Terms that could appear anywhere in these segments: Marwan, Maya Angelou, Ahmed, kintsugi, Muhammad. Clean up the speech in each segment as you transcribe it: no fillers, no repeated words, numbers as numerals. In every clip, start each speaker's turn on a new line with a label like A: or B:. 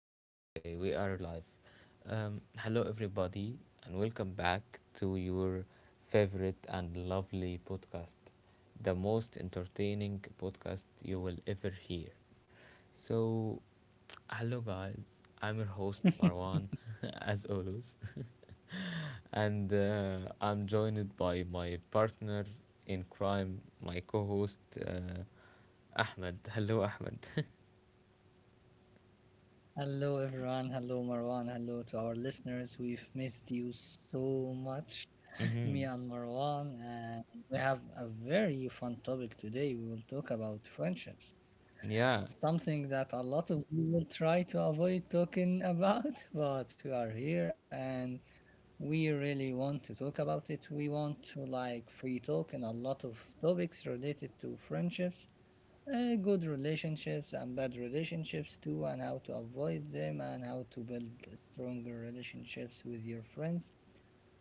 A: okay, okay, we are live. Hello, everybody, and welcome back to your favorite and lovely podcast, the most entertaining podcast you will ever hear. So, hello, guys, I'm your host, Marwan, as always, and I'm joined by my partner in crime, my co host, uh, Ahmed. Hello, Ahmed.
B: Hello, everyone. Hello, Marwan. Hello to our listeners. We've missed you so much, me
A: Mm-hmm.
B: and Marwan. And we have a very fun topic today. We will talk about friendships,
A: Yeah.
B: something that a lot of you will try to avoid talking about, but we are here and we really want to talk about it. We want to like free talk and a lot of topics related to friendships good relationships and bad relationships too, and how to avoid them, and how to build stronger relationships with your friends.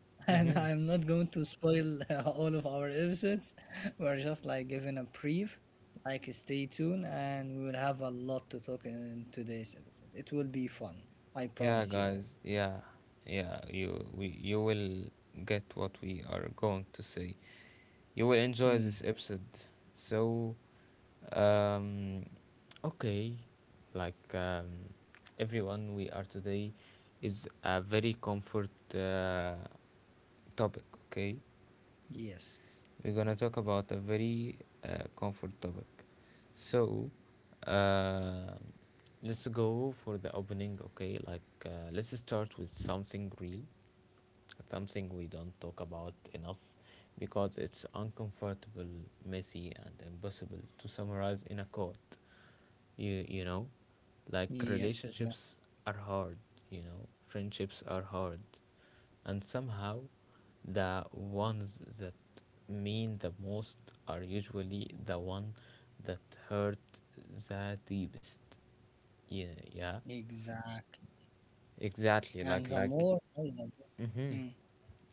B: And
A: Mm-hmm.
B: I'm not going to spoil all of our episodes. We're just like giving a brief. Like, stay tuned, and we will have a lot to talk in today's episode. It will be fun. I
A: Yeah,
B: promise you
A: guys.
B: all.
A: Yeah. Yeah, you will get what we are going to say. You will enjoy this
B: Hmm.
A: episode. So, um okay, like um everyone, we are today is a very comfort topic, okay?
B: Yes.
A: We're gonna talk about a very comfort topic. So, uh, let's go for the opening, okay? Like, let's start with something real, something we don't talk about enough because it's uncomfortable, messy, and impossible to summarize in a quote. You know, like
B: Yes. Exactly.
A: relationships are hard, you know, friendships are hard, and somehow the ones that mean the most are usually the one that hurt the deepest. Yeah, yeah,
B: Exactly.
A: exactly. Like,
B: And the
A: like,
B: more I love.
A: mm-hmm.
B: It.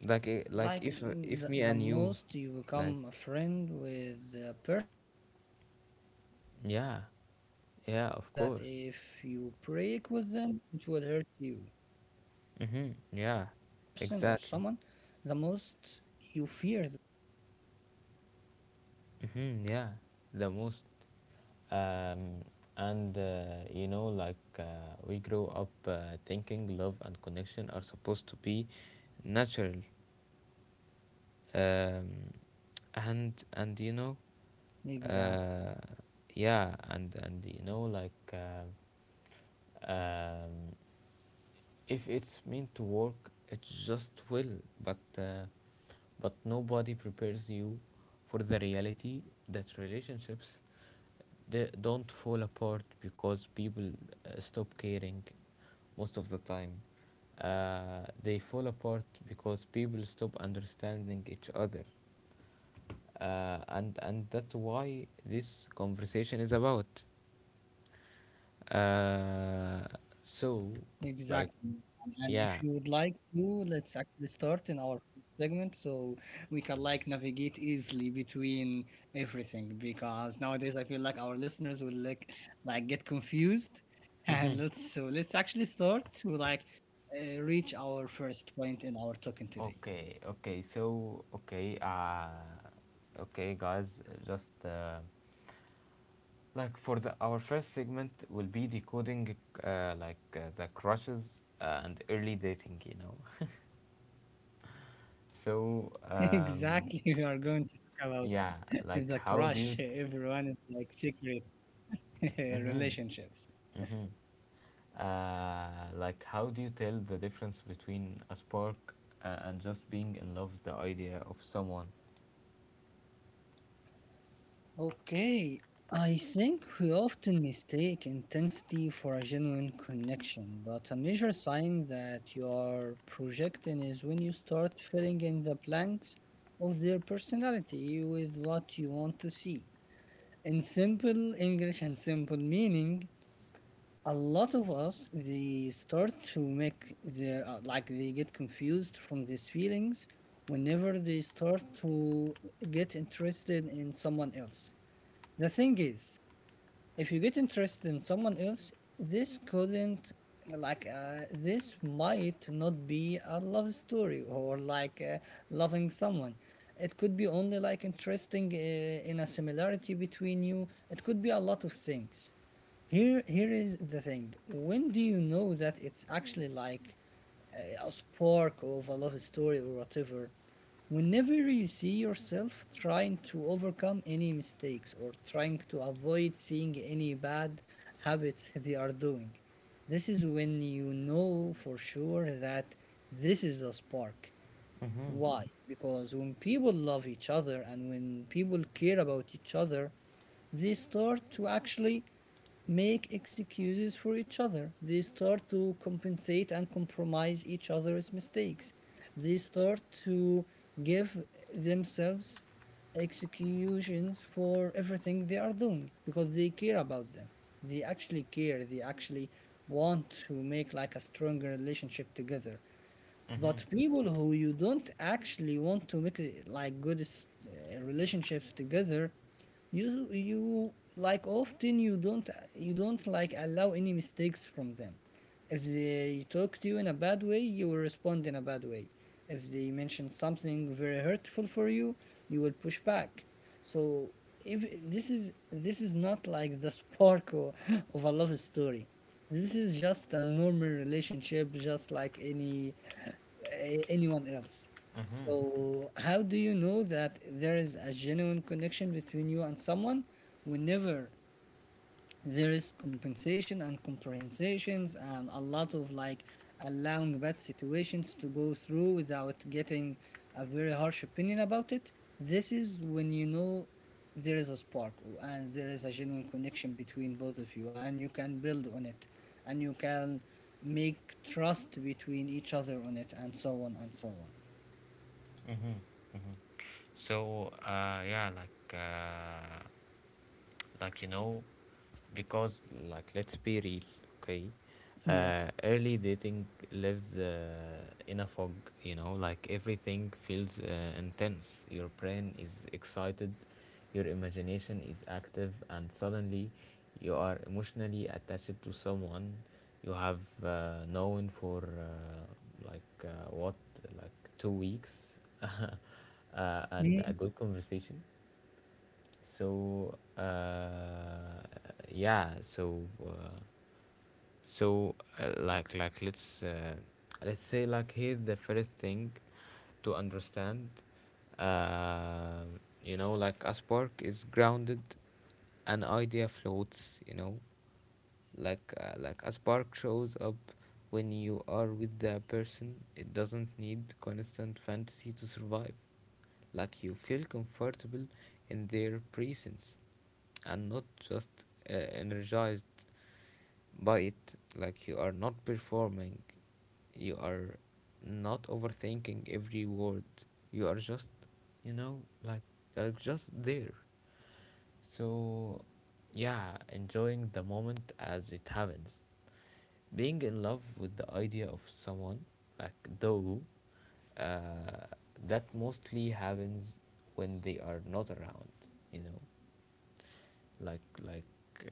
A: like i- like
B: Like
A: if
B: mm,
A: if
B: the,
A: me
B: the
A: and you
B: most you
A: like.
B: become a friend with a person or someone, the
A: Yeah,
B: most you
A: yeah,
B: fear
A: of
B: that
A: course.
B: if you break with them, it will hurt you.
A: Mm-hmm, yeah, exactly. Mm-hmm, yeah, the most. Um, and you know, like we grow up thinking love and connection are supposed to be natural, um, and you know,
B: Exactly.
A: uh, yeah, and you know, like um, if it's meant to work it just will, but uh, but nobody prepares you for the reality that relationships, they don't fall apart because people stop caring most of the time, they fall apart because people stop understanding each other, and that's why this conversation is about. uh, so like
B: Exactly. And
A: yeah
B: if you would like to, let's actually start in our first segment so we can like navigate easily between everything, because nowadays I feel like our listeners will like get confused. And
A: hmm
B: let's so let's actually start to like reach our first point in our token today.
A: Okay, okay, so okay, guys, just for the our first segment will be decoding, like the crushes and early dating, you know. So um,
B: Exactly, we are going to talk about
A: yeah, like
B: the
A: how do
B: crush
A: you,
B: everyone is like secret
A: mm-hmm,
B: relationships.
A: mm-hmm, like how do you tell the difference between a spark and just being in love with the idea of someone?
B: Okay, I think we often mistake intensity for a genuine connection, but a major sign that you are projecting is when you start filling in the blanks of their personality with what you want to see. In simple English and simple meaning, a lot of us they start to make their like they get confused from these feelings whenever they start to get interested in someone else. The thing is, if you get interested in someone else, this couldn't like this might not be a love story or like loving someone. It could be only like interesting in a similarity between you. It could be a lot of things. Here is the thing. When do you know that it's actually like a spark of a love story or whatever? Whenever you see yourself trying to overcome any mistakes or trying to avoid seeing any bad habits they are doing, this is when you know for sure that this is a spark.
A: Mm-hmm,
B: Why? Because when people love each other and when people care about each other, they start to actually make excuses for each other. They start to compensate and compromise each other's mistakes. They start to give themselves executions for everything they are doing because they care about them. They actually care. They actually want to make like a stronger relationship together.
A: mm-hmm,
B: But people who you don't actually want to make like good relationships together, you like often you don't like allow any mistakes from them. If they talk to you in a bad way, you will respond in a bad way. If they mention something very hurtful for you, you will push back. So if this is not like the spark of a love story. This is just a normal relationship, just like any anyone else.
A: mm-hmm,
B: So, how do you know that there is a genuine connection between you and someone? Whenever there is compensation and compensations and a lot of like allowing bad situations to go through without getting a very harsh opinion about it, this is when you know there is a spark and there is a genuine connection between both of you, and you can build on it, and you can make trust between each other on it, and so on and so on.
A: mm-hmm. Mm-hmm. So you know, because like let's be real, okay,
B: Yes.
A: early dating lives in a fog. You know, like everything feels intense, your brain is excited, your imagination is active, and suddenly you are emotionally attached to someone you have known for what, like 2 weeks and a
B: Mm,
A: good conversation. So yeah, so so like let's say, like here's the first thing to understand. Uh, you know, like a spark is grounded, an idea floats. You know, like a spark shows up when you are with the person. It doesn't need constant fantasy to survive. Like you feel comfortable in their presence and not just energized by it. Like you are not performing, you are not overthinking every word, you are just, you know, like are just there. So, yeah, enjoying the moment as it happens. Being in love with the idea of someone, like Dogu, uh, that mostly happens when they are not around, you know. Like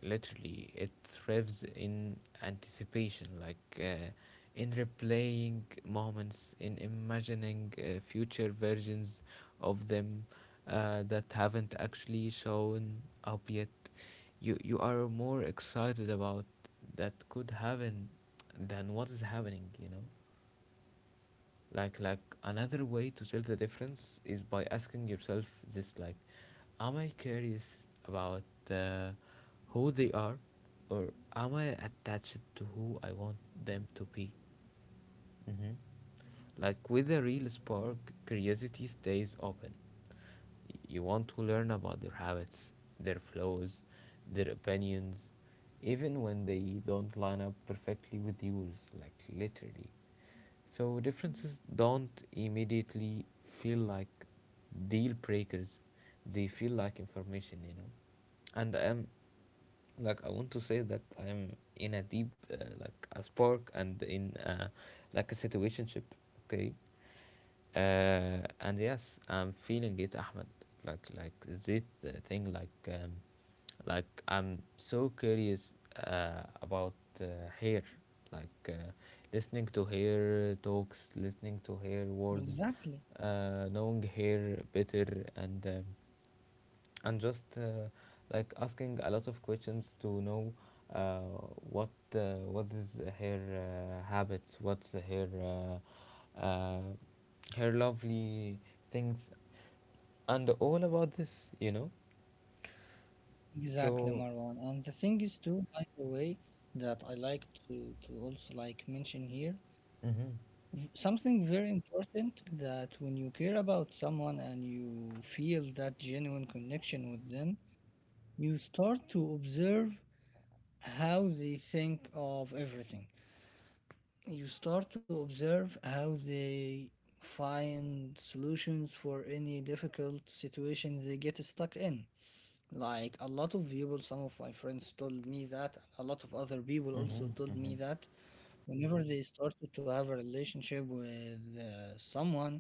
A: literally it thrives in anticipation, like in replaying moments, in imagining future versions of them that haven't actually shown up yet. You are more excited about that could happen than what is happening, you know. Like another way to tell the difference is by asking yourself this, like, am I curious about uh, who they are, or am I attached to who I want them to be? Hmm. Like with a real spark, curiosity stays open. You want to learn about their habits, their flows, their opinions, even when they don't line up perfectly with yours, like literally. So differences don't immediately feel like deal breakers, they feel like information, you know. And like I want to say that I'm in a deep like a spark and in like a situationship, okay, and yes, I'm feeling it, Ahmed. Like this thing, like I'm so curious about uh, hair, like listening to hair talks, listening to hair words,
B: exactly.
A: knowing hair better, and um, and just asking a lot of questions to know, uh, what is her habits, what's her uh, uh, her lovely things, and all about this, you know.
B: Exactly,
A: So.
B: Marwan. And the thing is too, by the way, that I like to also like mention here,
A: Mhm.
B: something very important, that when you care about someone and you feel that genuine connection with them, you start to observe how they think of everything. You start to observe how they find solutions for any difficult situation they get stuck in. Like a lot of people, some of my friends told me that, and a lot of other people also
A: Mhm.
B: told
A: Mhm.
B: me that whenever they started to have a relationship with someone,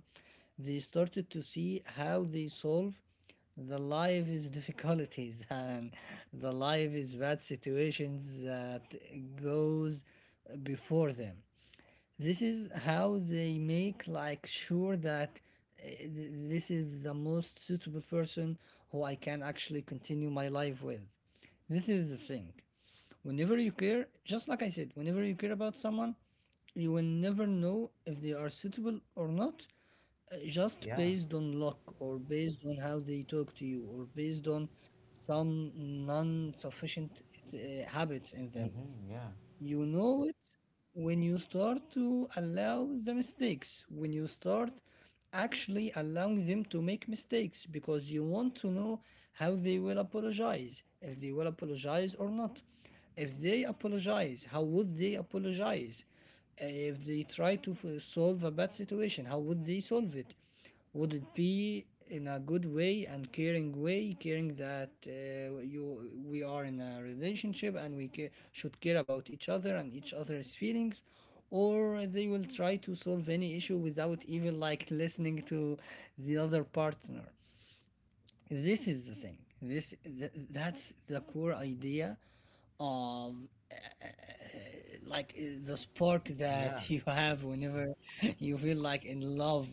B: they started to see how they solve the life is difficulties and the life is bad situations that goes before them. This is how they make like sure that this is the most suitable person who I can actually continue my life with. This is the thing. Whenever you care, just like I said, whenever you care about someone, you will never know if they are suitable or not, just
A: Yeah.
B: based on luck or based on how they talk to you or based on some non-sufficient uh, habits in them.
A: Mhm. Yeah.
B: You know it when you start to allow the mistakes, when you start actually allowing them to make mistakes because you want to know how they will apologize, if they will apologize or not. If they apologize, how would they apologize? If they try to solve a bad situation, how would they solve it? Would it be in a good way and caring way, caring that you we are in a relationship and we should care about each other and each other's feelings, or they will try to solve any issue without even like listening to the other partner? This is the thing. That's the core idea of like the spark
A: Yeah.
B: that you have whenever you feel like in love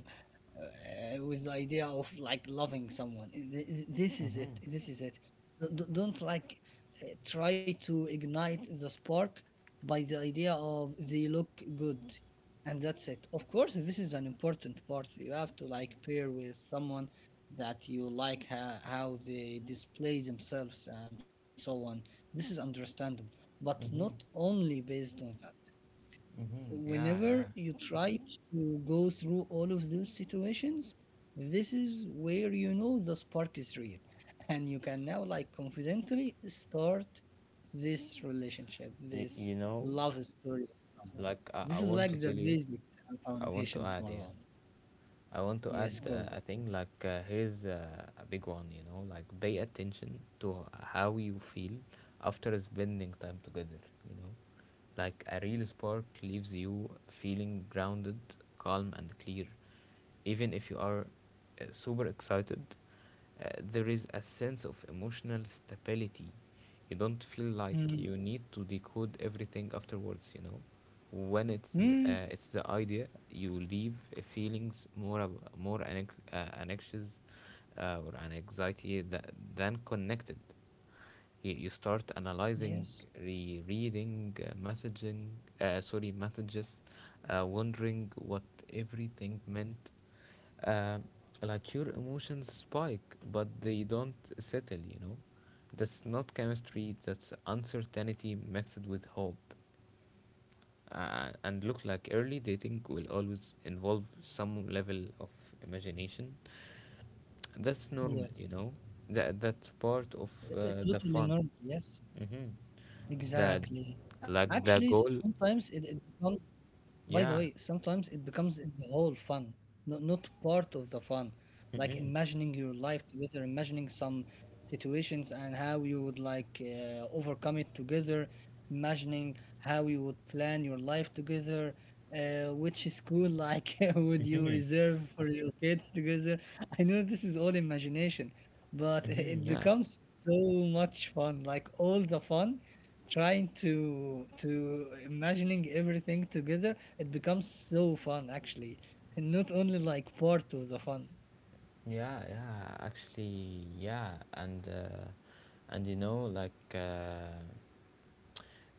B: with the idea of like loving someone. This is it.
A: Mhm.
B: This is it. Don't like try to ignite the spark by the idea of they look good, and that's it. Of course, this is an important part. You have to like pair with someone that you like how they display themselves and so on. This is understandable, but not
A: Mhm.
B: only based on that.
A: Mhm. Yeah.
B: Whenever
A: Yeah.
B: you try to go through all of those situations, this is where you know the spark is real. And you can now, like, confidently start this relationship,
A: Y-
B: this
A: you know,
B: love story with someone.
A: like I, I
B: This is
A: want to
B: like the
A: tell you,
B: basics and
A: I want to
B: foundations,
A: add, yeah.
B: Maron.
A: I want to add
B: Yes, Gogo.
A: a thing like here's a big one, you know, like pay attention to how you feel after spending time together, you know. Like a real spark leaves you feeling grounded, calm, and clear, even if you are super excited. There is a sense of emotional stability. You don't feel like
B: Mm.
A: you need to decode everything afterwards, you know. When it's
B: Mm.
A: uh, it's the idea, you leave feelings more ab- more an, anxious or an anxiety that, than connected. You start
B: Yes,
A: analyzing, rereading, messages, wondering what everything meant. um, like your emotions spike, but they don't settle, you know? That's not chemistry, that's uncertainty mixed with hope. And look, like early dating will always involve some level of imagination. That's normal, you
B: yes.
A: know? That's part of the
B: Totally
A: fun.
B: normal. Yes,
A: Mm-hmm. That,
B: exactly.
A: like,
B: Actually,
A: the goal,
B: sometimes it becomes, by the
A: yeah.
B: way, sometimes it becomes the whole fun, not part of the fun. Like
A: Mm-hmm,
B: imagining your life together, imagining some situations and how you would like overcome it together, imagining how you would plan your life together, which school like would you
A: mm-hmm,
B: reserve for your kids together. I know this is all imagination, but
A: mm-hmm,
B: it
A: yeah.
B: becomes so much fun, like all the fun trying to imagining everything together, it becomes so fun actually, and not only like part of the fun.
A: Yeah, yeah, actually, yeah, and you know, like uh,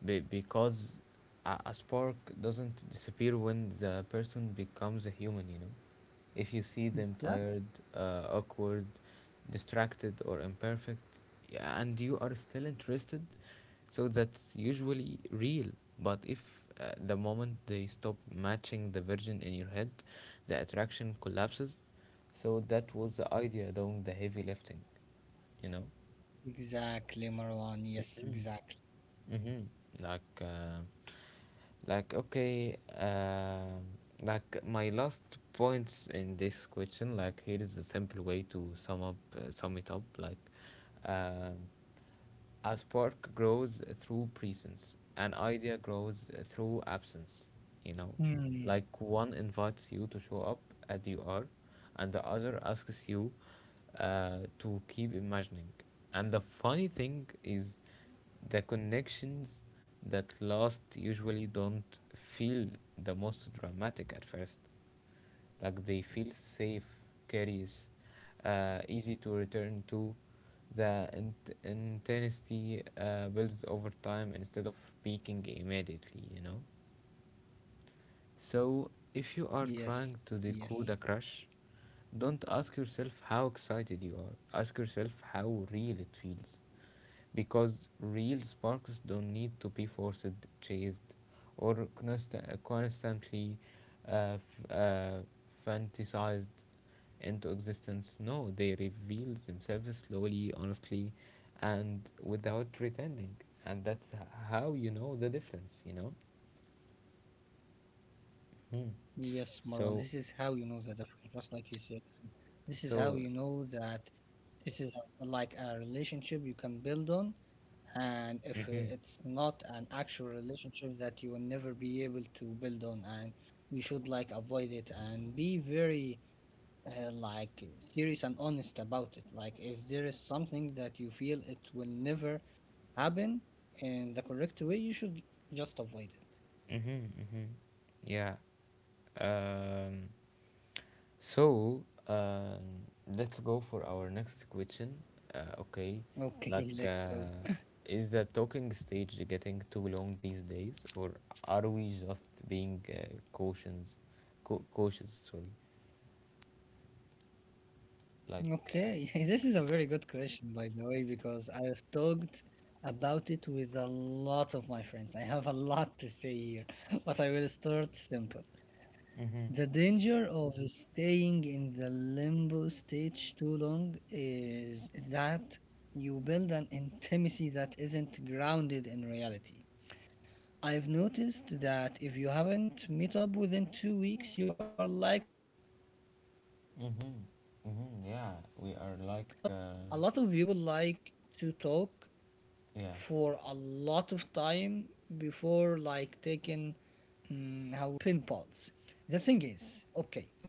A: be- because a-, a spark doesn't disappear when the person becomes a human, you know. If you see them
B: Exactly,
A: tired, awkward, distracted, or imperfect, yeah, and you are still interested, so that's usually real. But if the moment they stop matching the virgin in your head, the attraction collapses. So that was the idea doing the heavy lifting, you know?
B: exactly, Marwan, yes, exactly.
A: Mm-hmm. Like okay. Like my last points in this question. Like here is a simple way to sum it up. Like, um, a spark grows through presence. An idea grows through absence. You know,
B: Hmm.
A: like one invites you to show up as you are, and the other asks you to keep imagining. And the funny thing is, the connections that last usually don't feel the most dramatic at first. Like they feel safe, curious, easy to return to. The intensity builds over time instead of peaking immediately, you know? So, if you are
B: Yes,
A: trying to
B: yes.
A: decode a crush, don't ask yourself how excited you are. Ask yourself how real it feels, because real sparks don't need to be forced, chased, or constantly uh, f- uh, fantasized into existence. No, they reveal themselves slowly, honestly, and without pretending. And that's how you know the difference, you know? Mm.
B: Yes, Marwan, this is
A: So,
B: how you know that, just like you said, this is how you
A: so,
B: know that this is a, like a relationship you can build on. And if
A: mm-hmm,
B: it's not an actual relationship that you will never be able to build on, and you should like avoid it and be very like serious and honest about it. Like if there is something that you feel it will never happen in the correct way, you should just avoid it.
A: mm-hmm, mm-hmm. Yeah. Um, So uh, let's go for our next question. Okay, like
B: Okay, let's go.
A: is the talking stage getting too long these days, or are we just being cautious, sorry. Like,
B: Okay, this is a very good question, by the way, because I've talked about it with a lot of my friends. I have a lot to say here, but I will start simple.
A: mhm,
B: The danger of staying in the limbo stage too long is that you build an intimacy that isn't grounded in reality. I've noticed that if you haven't met up within 2 weeks, you are likely just
A: mhm,
B: pinballs. The
A: mhm.
B: thing
A: Yeah,
B: is,
A: we are
B: okay,
A: like, uh,
B: a lot of people like to talk
A: yeah.
B: for a lot of time before like taking mm, how would we say before they take mm,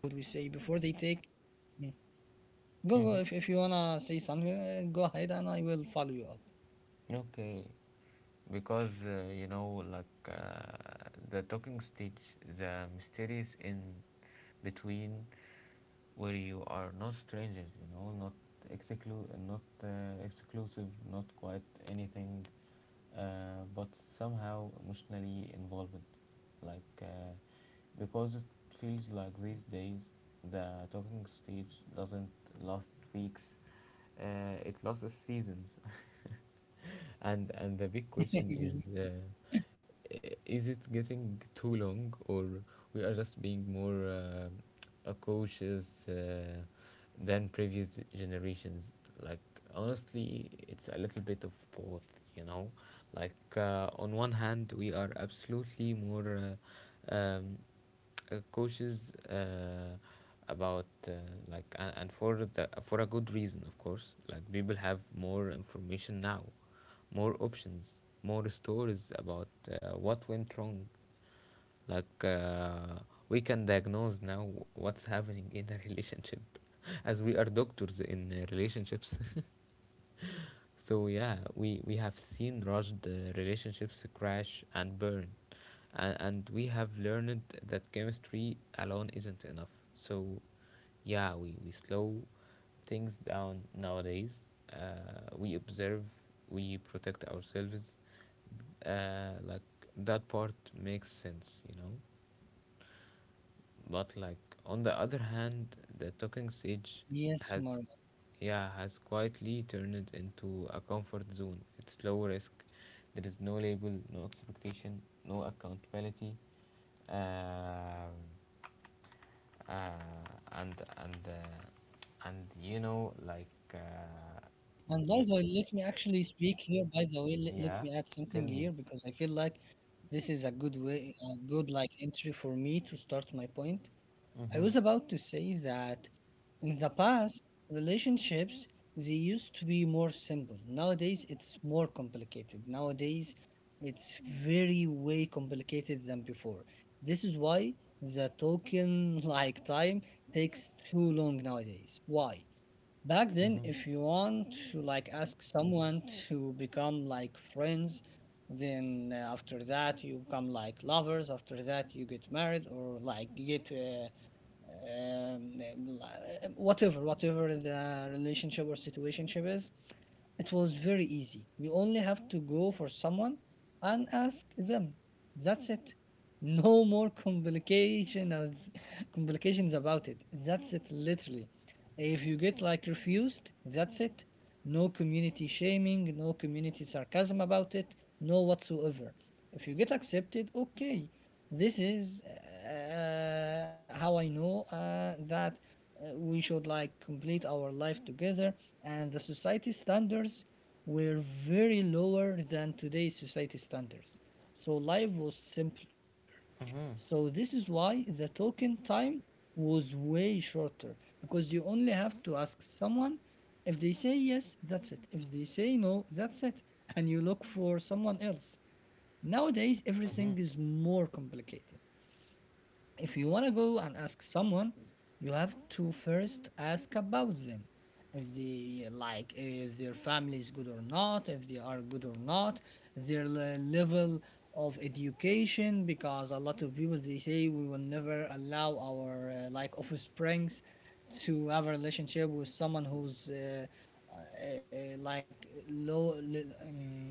B: go, if you wanna say something
A: Mhm.
B: go ahead and I will follow you up.
A: Okay, because you know, like the talking stage, the mysterious in between where you are not strangers, you know, not exclusive, not quite anything but somehow emotionally involved. Like, because it feels like these days the talking stage doesn't last weeks, it lasts seasons. And the big question
B: Exa-
A: is, is it getting too long, or we are just being more cautious than previous generations? Like, honestly, it's a little bit of both, you know. Like, on one hand, we are absolutely more uh, um, cautious about like, and for the for a good reason, of course. Like people have more information now, more options, more stories about what went wrong. Like we can diagnose now what's happening in a relationship as we are doctors in relationships. So yeah, we have seen rushed relationships crash and burn, and we have learned that chemistry alone isn't enough. So yeah, we slow things down nowadays. We observe, we protect ourselves. Like that part makes sense, you know. But like on the other hand, the talking stage
B: yes,
A: has,
B: Marwa.
A: yeah, has quietly turned into a comfort zone. It's low risk. There is no label, no expectation, no accountability. Uh, uh, and and uh, and you know like uh,
B: And by
A: y-
B: the way, let me actually speak here, by the way, let
A: yeah,
B: me add
A: tell
B: something here
A: me.
B: because I feel like this is a good way, a good like entry for me to start my point. I
A: Mhm.
B: was about to say that in the past, relationships they used to be more simple. Nowadays, it's more complicated. Nowadays, it's very way complicated than before. This is why the token like time takes too long nowadays. Why? Back then,
A: Mhm.
B: if you want to like ask someone to become like friends, then after that you become like lovers. After that, you get married or like you get um, whatever, whatever the relationship or situationship is. It was very easy. You only have to go for someone and ask them. That's it. No more complications complications about it. That's it literally. If you get like refused, that's it. No community shaming, no community sarcasm about it, no whatsoever. If you get accepted, okay. This is how I know that we should like complete our life together, and the society standards were very lower than today's society standards. So life was simpler.
A: Mhm.
B: So this is why the token time was way shorter because you only have to ask someone. If they say yes, that's it. If they say no, that's it. And you look for someone else. Nowadays,
A: Mhm.
B: everything is more complicated. If you want to go and ask someone, you have to first ask about them. If they like, if their family is good or not, if they are good or not, their level of education, because a lot of people they say we will never allow our like offsprings to have a relationship with someone who's like low li- um,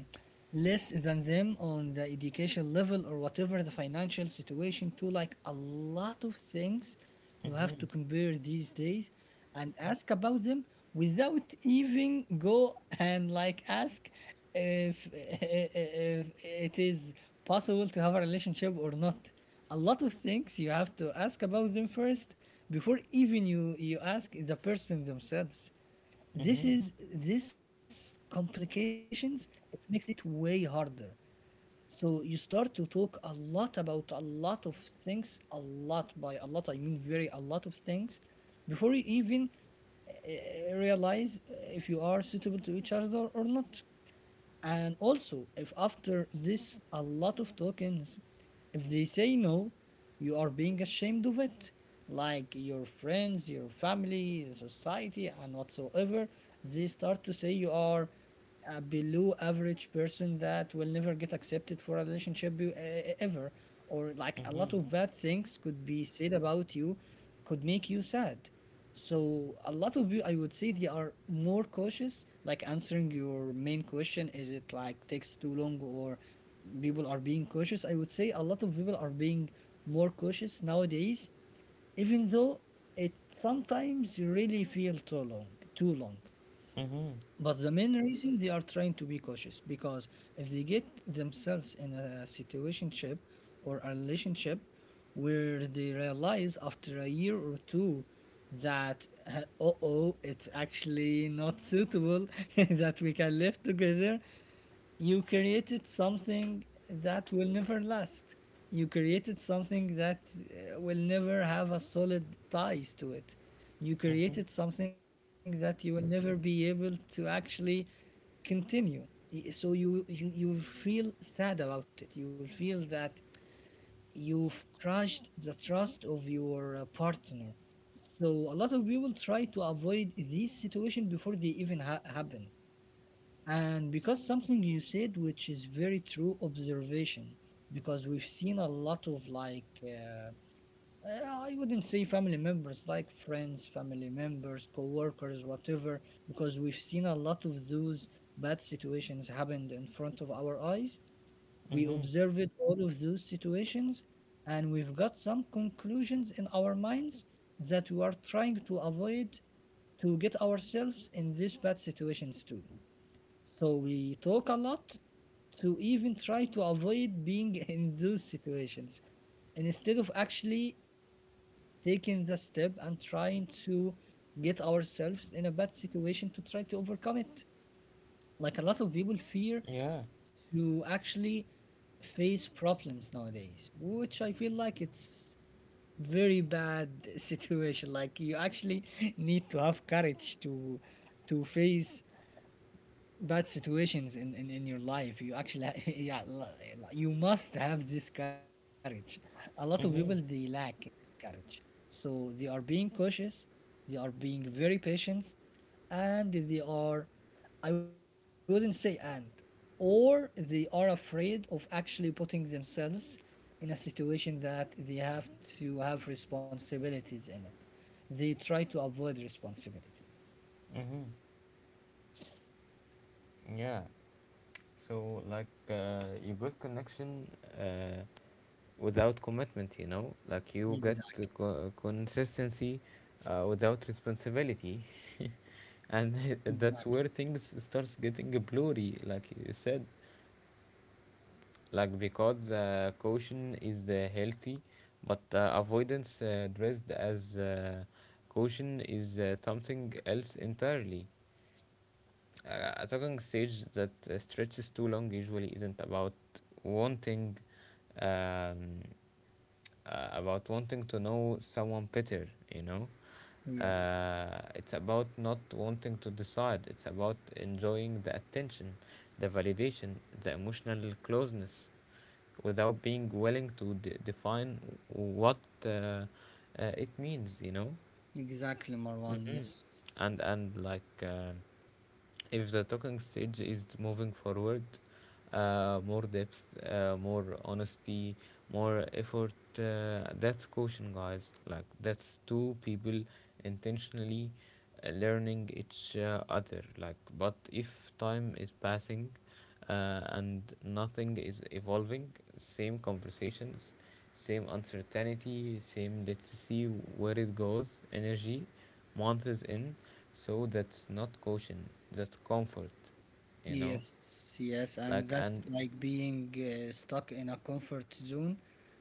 B: less than them on the education level or whatever the financial situation to like a lot of things you have to
A: Mhm.
B: compare these days and ask about them without even go and like ask if, if it is possible to have a relationship or not. A lot of things you have to ask about them first before even you ask the person themselves. This
A: Mhm.
B: is this complications, it makes it way harder. So you start to talk a lot about a lot of things. A lot, by a lot I mean very a lot of things, before you even realize if you are suitable to each other or not. And also, if after this a lot of tokens, if they say no, you are being ashamed of it. Like your friends, your family, society, and whatsoever, they start to say you are a below average person that will never get accepted for a relationship ever. Or like a lot
A: Mhm.
B: of bad things could be said about you, could make you sad. So a lot of you, I would say, they are more cautious, like answering your main question. Is it like takes too long, or people are being cautious? I would say a lot of people are being more cautious nowadays, even though it sometimes really feel too long, too long.
A: Mhm.
B: But the main reason they are trying to be cautious because if they get themselves in a situationship or a relationship where they realize after a year or two that uh oh, it's actually not suitable that we can live together. You created something that will never last. You created something that will never have a solid ties to it. You
A: Mhm.
B: created something that you will never be able to actually continue. So you will feel sad about it. You will feel that you've crushed the trust of your partner. So a lot of people try to avoid this situation before they even happen. And because something you said, which is very true observation, because we've seen a lot of like, I wouldn't say family members, like friends, family members, co-workers, whatever, because we've seen a lot of those bad situations happened in front of our eyes. We
A: Mhm.
B: observed all of those situations and we've got some conclusions in our minds that we are trying to avoid to get ourselves in these bad situations too. So we talk a lot to even try to avoid being in those situations instead of actually taking the step and trying to get ourselves in a bad situation to try to overcome it. Like a lot of people fear
A: Yeah.
B: to actually face problems nowadays, which I feel like it's very bad situation. Like you actually need to have courage to face bad situations in, in your life. You actually yeah you must have this courage. A lot of people they
A: Mhm.
B: lack this courage, so they are being cautious, they are being very patient, and they are, I wouldn't say, and or they are afraid of actually putting themselves in a situation that they have to have responsibilities in it. They try to avoid responsibilities.
A: Mhm. Yeah. So like you got connection uh, without commitment, you know? Like you get the
B: Exactly.
A: consistency without responsibility. And that's where
B: Exactly.
A: things starts getting blurry, like you said. Like because caution is healthy, but avoidance dressed as caution is something else entirely. A talking stage that stretches too long usually isn't wanting um, about wanting to know someone better you know
B: Yes.
A: it's about not wanting to decide. It's about enjoying the attention, the validation, the emotional closeness without being willing to define what it means.
B: Exactly, Marwan.
A: Hmm.
B: Yes,
A: And like if the talking stage is moving forward, more depth, more honesty, more effort, that's caution, guys. Like that's two people intentionally learning each other. Like but if time is passing and nothing is evolving, same conversations, same uncertainty, same let's see where it goes energy, months in, so that's not caution, that's comfort you know
B: yes, yes, and
A: like
B: that's
A: and
B: like being stuck in a comfort zone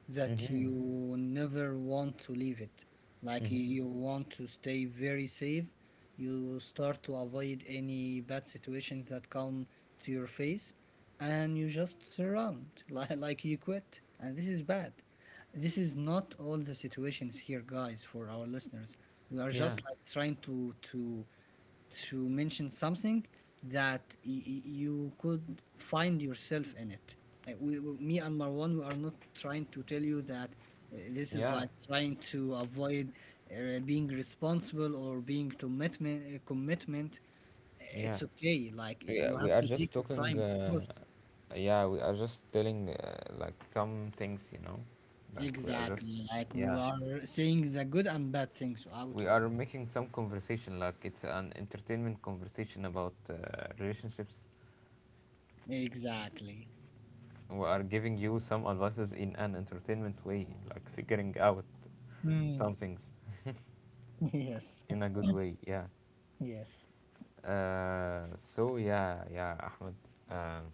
B: that
A: mm-hmm,
B: you never want to leave it. Like
A: mm-hmm.
B: you want to stay very safe. You start to avoid any bad situations that come to your face, and you just surround like you quit, and this is bad. This is not all the situations here, guys, for our listeners. We are
A: Yeah,
B: just like trying to mention something that you could find yourself in it. Like me and Marwan, we are not trying to tell you that this is
A: yeah,
B: like trying to avoid being responsible or being commitment commitment.
A: yeah.
B: It's okay. Like
A: Yeah,
B: you
A: we
B: have
A: are
B: to take
A: just
B: your
A: talking,
B: time, of course.
A: yeah, we are just telling, like some things. Like we are just,
B: Exactly. Like we
A: yeah,
B: are saying the good and bad things out
A: we
B: of
A: are making some conversation. Like it's an entertainment conversation about relationships.
B: it. Exactly.
A: We are giving you some advices in an entertainment way, like figuring out
B: Mm,
A: some things
B: yes,
A: in a good way, yeah.
B: yes.
A: uh, so yeah, yeah, Ahmed. Um,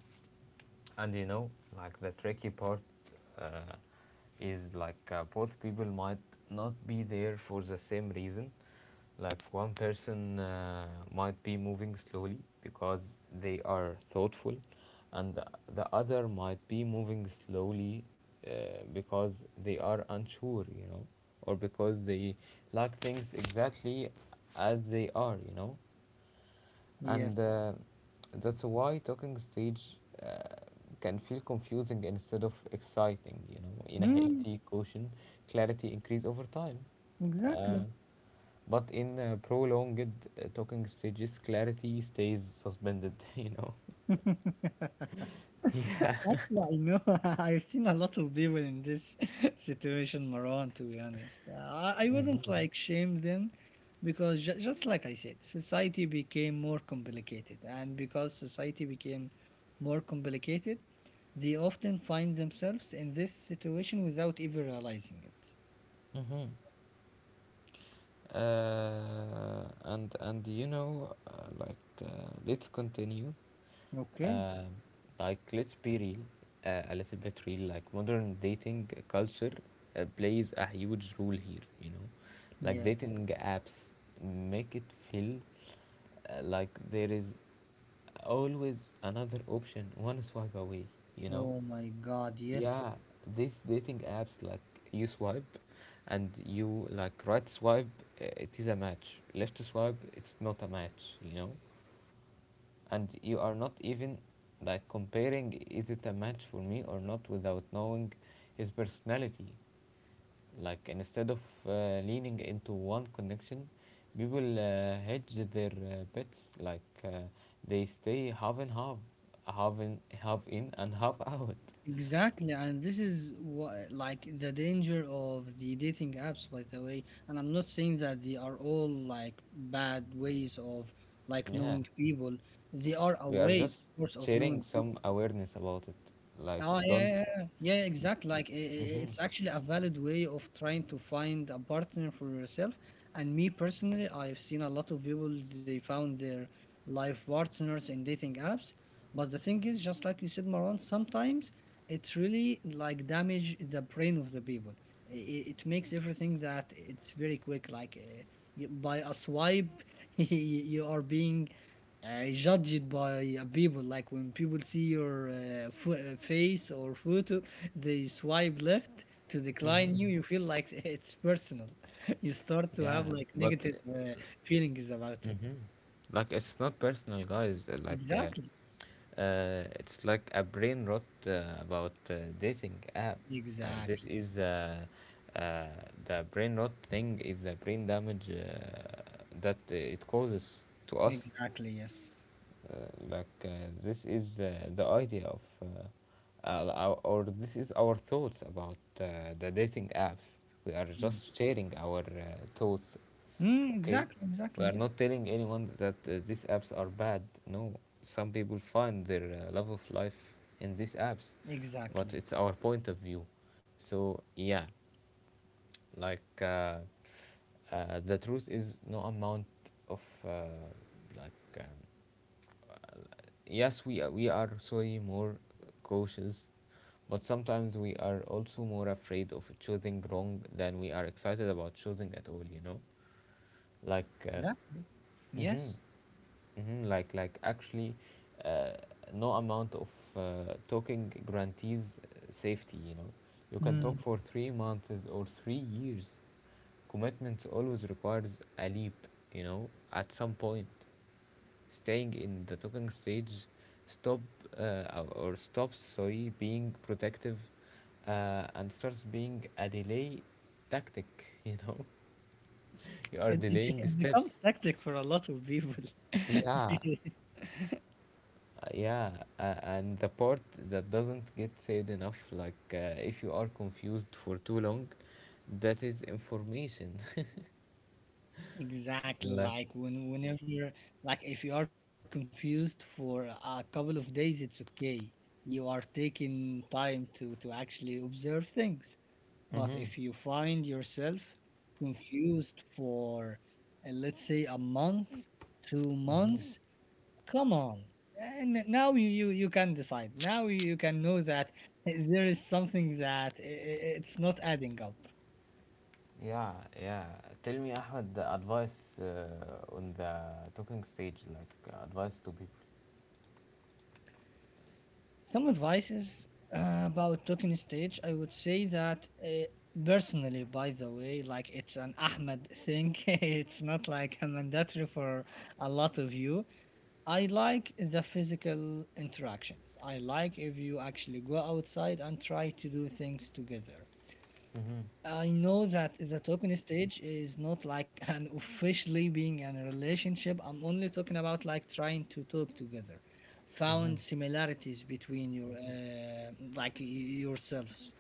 A: and you know, like the tricky part uh, is like both people might not be there for the same reason. Like one person might be moving slowly because they are thoughtful, and the other might be moving slowly uh, because they are unsure, you know, or because they like things exactly as they are, you know. And
B: Yes.
A: that's why talking stage can feel confusing instead of exciting. You know, in a
B: Mm,
A: healthy caution, clarity increase over time. uh,
B: exactly.
A: but in prolonged talking stages, clarity stays suspended you know. Yeah.
B: Actually, I know I've seen a lot of people in this situation, Marwan, to be honest. I wouldn't
A: Mm-hmm.
B: like shame them because, ju just like I said, society became more complicated. And because society became more complicated, they often find themselves in this situation without even realizing it.
A: Mm-hmm. And you know, like uh, let's continue.
B: Okay.
A: uh, like let's be real, a little bit real. Like modern dating culture plays a huge role here, you know. Like
B: Yes.
A: dating apps make it feel like there is always another option one swipe away, you know.
B: Oh my God. Yes.
A: Yeah, these dating apps, like you swipe and you like right swipe, it is a match. Left swipe, it's not a match, you know? And you are not even like comparing is it a match for me or not without knowing his personality. Like instead of leaning into one connection, people hedge their bets. Like they stay half and half, half in, half in and half out.
B: Exactly. And this is what, like the danger of the dating apps, by the way. And I'm not saying that they are all like bad ways of like
A: Yeah.
B: knowing people. They are a
A: We are
B: way,
A: just
B: of course, of
A: sharing
B: knowing.
A: some awareness about it. Like,
B: Oh yeah,
A: don't.
B: yeah, yeah, yeah, exactly. Like
A: Hmm.
B: it's actually a valid way of trying to find a partner for yourself. And me personally, I've seen a lot of people they found their life partners in dating apps. But the thing is, just like you said, Marwan, sometimes it really like damage the brain of the people. It makes everything that it's very quick. Like you- by a swipe, you you are being, I judge it by people. Like when people see your face or photo, they swipe left to decline you. You feel like it's personal. You start to have
A: Yeah,
B: like
A: but.
B: negative feelings about it.
A: Hmm. Like, it's not personal, guys. Like,
B: Exactly.
A: it's like a brain rot about dating app. This
B: Exactly.
A: is uh, the brain rot thing, is the brain damage that it causes to us.
B: Exactly. Yes.
A: uh, like this is the idea of or this is our thoughts about the dating apps. We are just
B: Yes.
A: sharing our thoughts.
B: Mm,
A: Okay,
B: exactly.
A: we
B: Exactly.
A: are not
B: Yes.
A: telling anyone that these apps are bad, no. Some people find their love of life in these apps, but
B: Exactly.
A: it's our point of view. So yeah, like the truth is no amount of like yes, we are sorry, more cautious, but sometimes we are also more afraid of choosing wrong than we are excited about choosing at all, you know. Like
B: Exactly.
A: hmm.
B: Yes.
A: Hmm. Like actually, uh, no amount of talking guarantees safety, you know. You can
B: Mm.
A: talk for 3 months or 3 years. Commitments always requires a leap, you know, at some point. Staying in the talking stage stop uh, or stops, sorry, being protective and starts being a delay tactic, you know. You are
B: It, it,
A: delaying
B: it
A: steps.
B: becomes tactic for a lot of people.
A: Yeah. Yeah. And the part that doesn't get said enough, like if you are confused for too long, that is information.
B: Exactly,
A: Like
B: like when whenever like if you are confused for a couple of days, it's okay. You are taking time to actually observe things. But
A: mm-hmm,
B: if you find yourself confused for let's say a month, two
A: mm-hmm.
B: months, come on. And now you can decide. Now you can know that there is something that it's not adding up.
A: Yeah, yeah. Tell me, Ahmed, the advice on the talking stage, like advice to people.
B: Some advices about talking stage, I would say that personally, by the way, like it's an Ahmed thing, it's not like a mandatory for a lot of you. I like the physical interactions. I like if you actually go outside and try to do things together.
A: Mm-hmm.
B: I know that the talking stage is not like an officially being in a relationship. I'm only talking about like trying to talk together,
A: Mm-hmm.
B: found similarities between your like yourselves,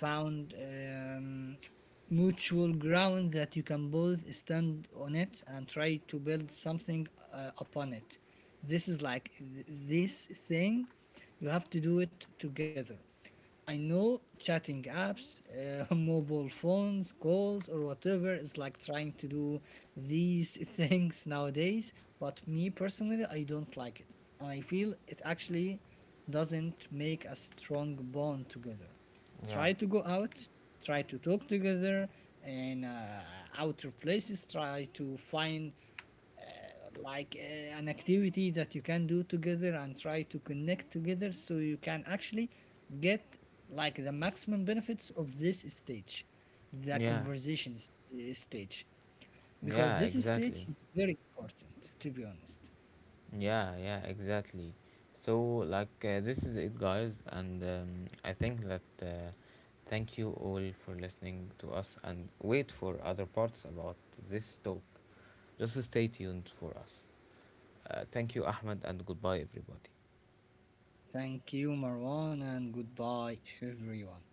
B: found mutual ground that you can both stand on it and try to build something upon it. This is like this thing. You have to do it together. I know chatting apps, mobile phones, calls, or whatever is like trying to do these things nowadays, but me personally, I don't like it. And I feel it actually doesn't make a strong bond together.
A: Yeah.
B: Try to go out, try to talk together in outer places, try to find an activity that you can do together and try to connect together so you can actually get like the maximum benefits of this stage, the
A: Yeah,
B: conversation stage, because
A: yeah,
B: this stage
A: exactly.
B: is very important to be honest.
A: Yeah, yeah, exactly. So, like, this is it, guys, and I think that thank you all for listening to us and wait for other parts about this talk. Just stay tuned for us. Thank you, Ahmed, and goodbye, everybody.
B: Thank you, Marwan, and goodbye, everyone.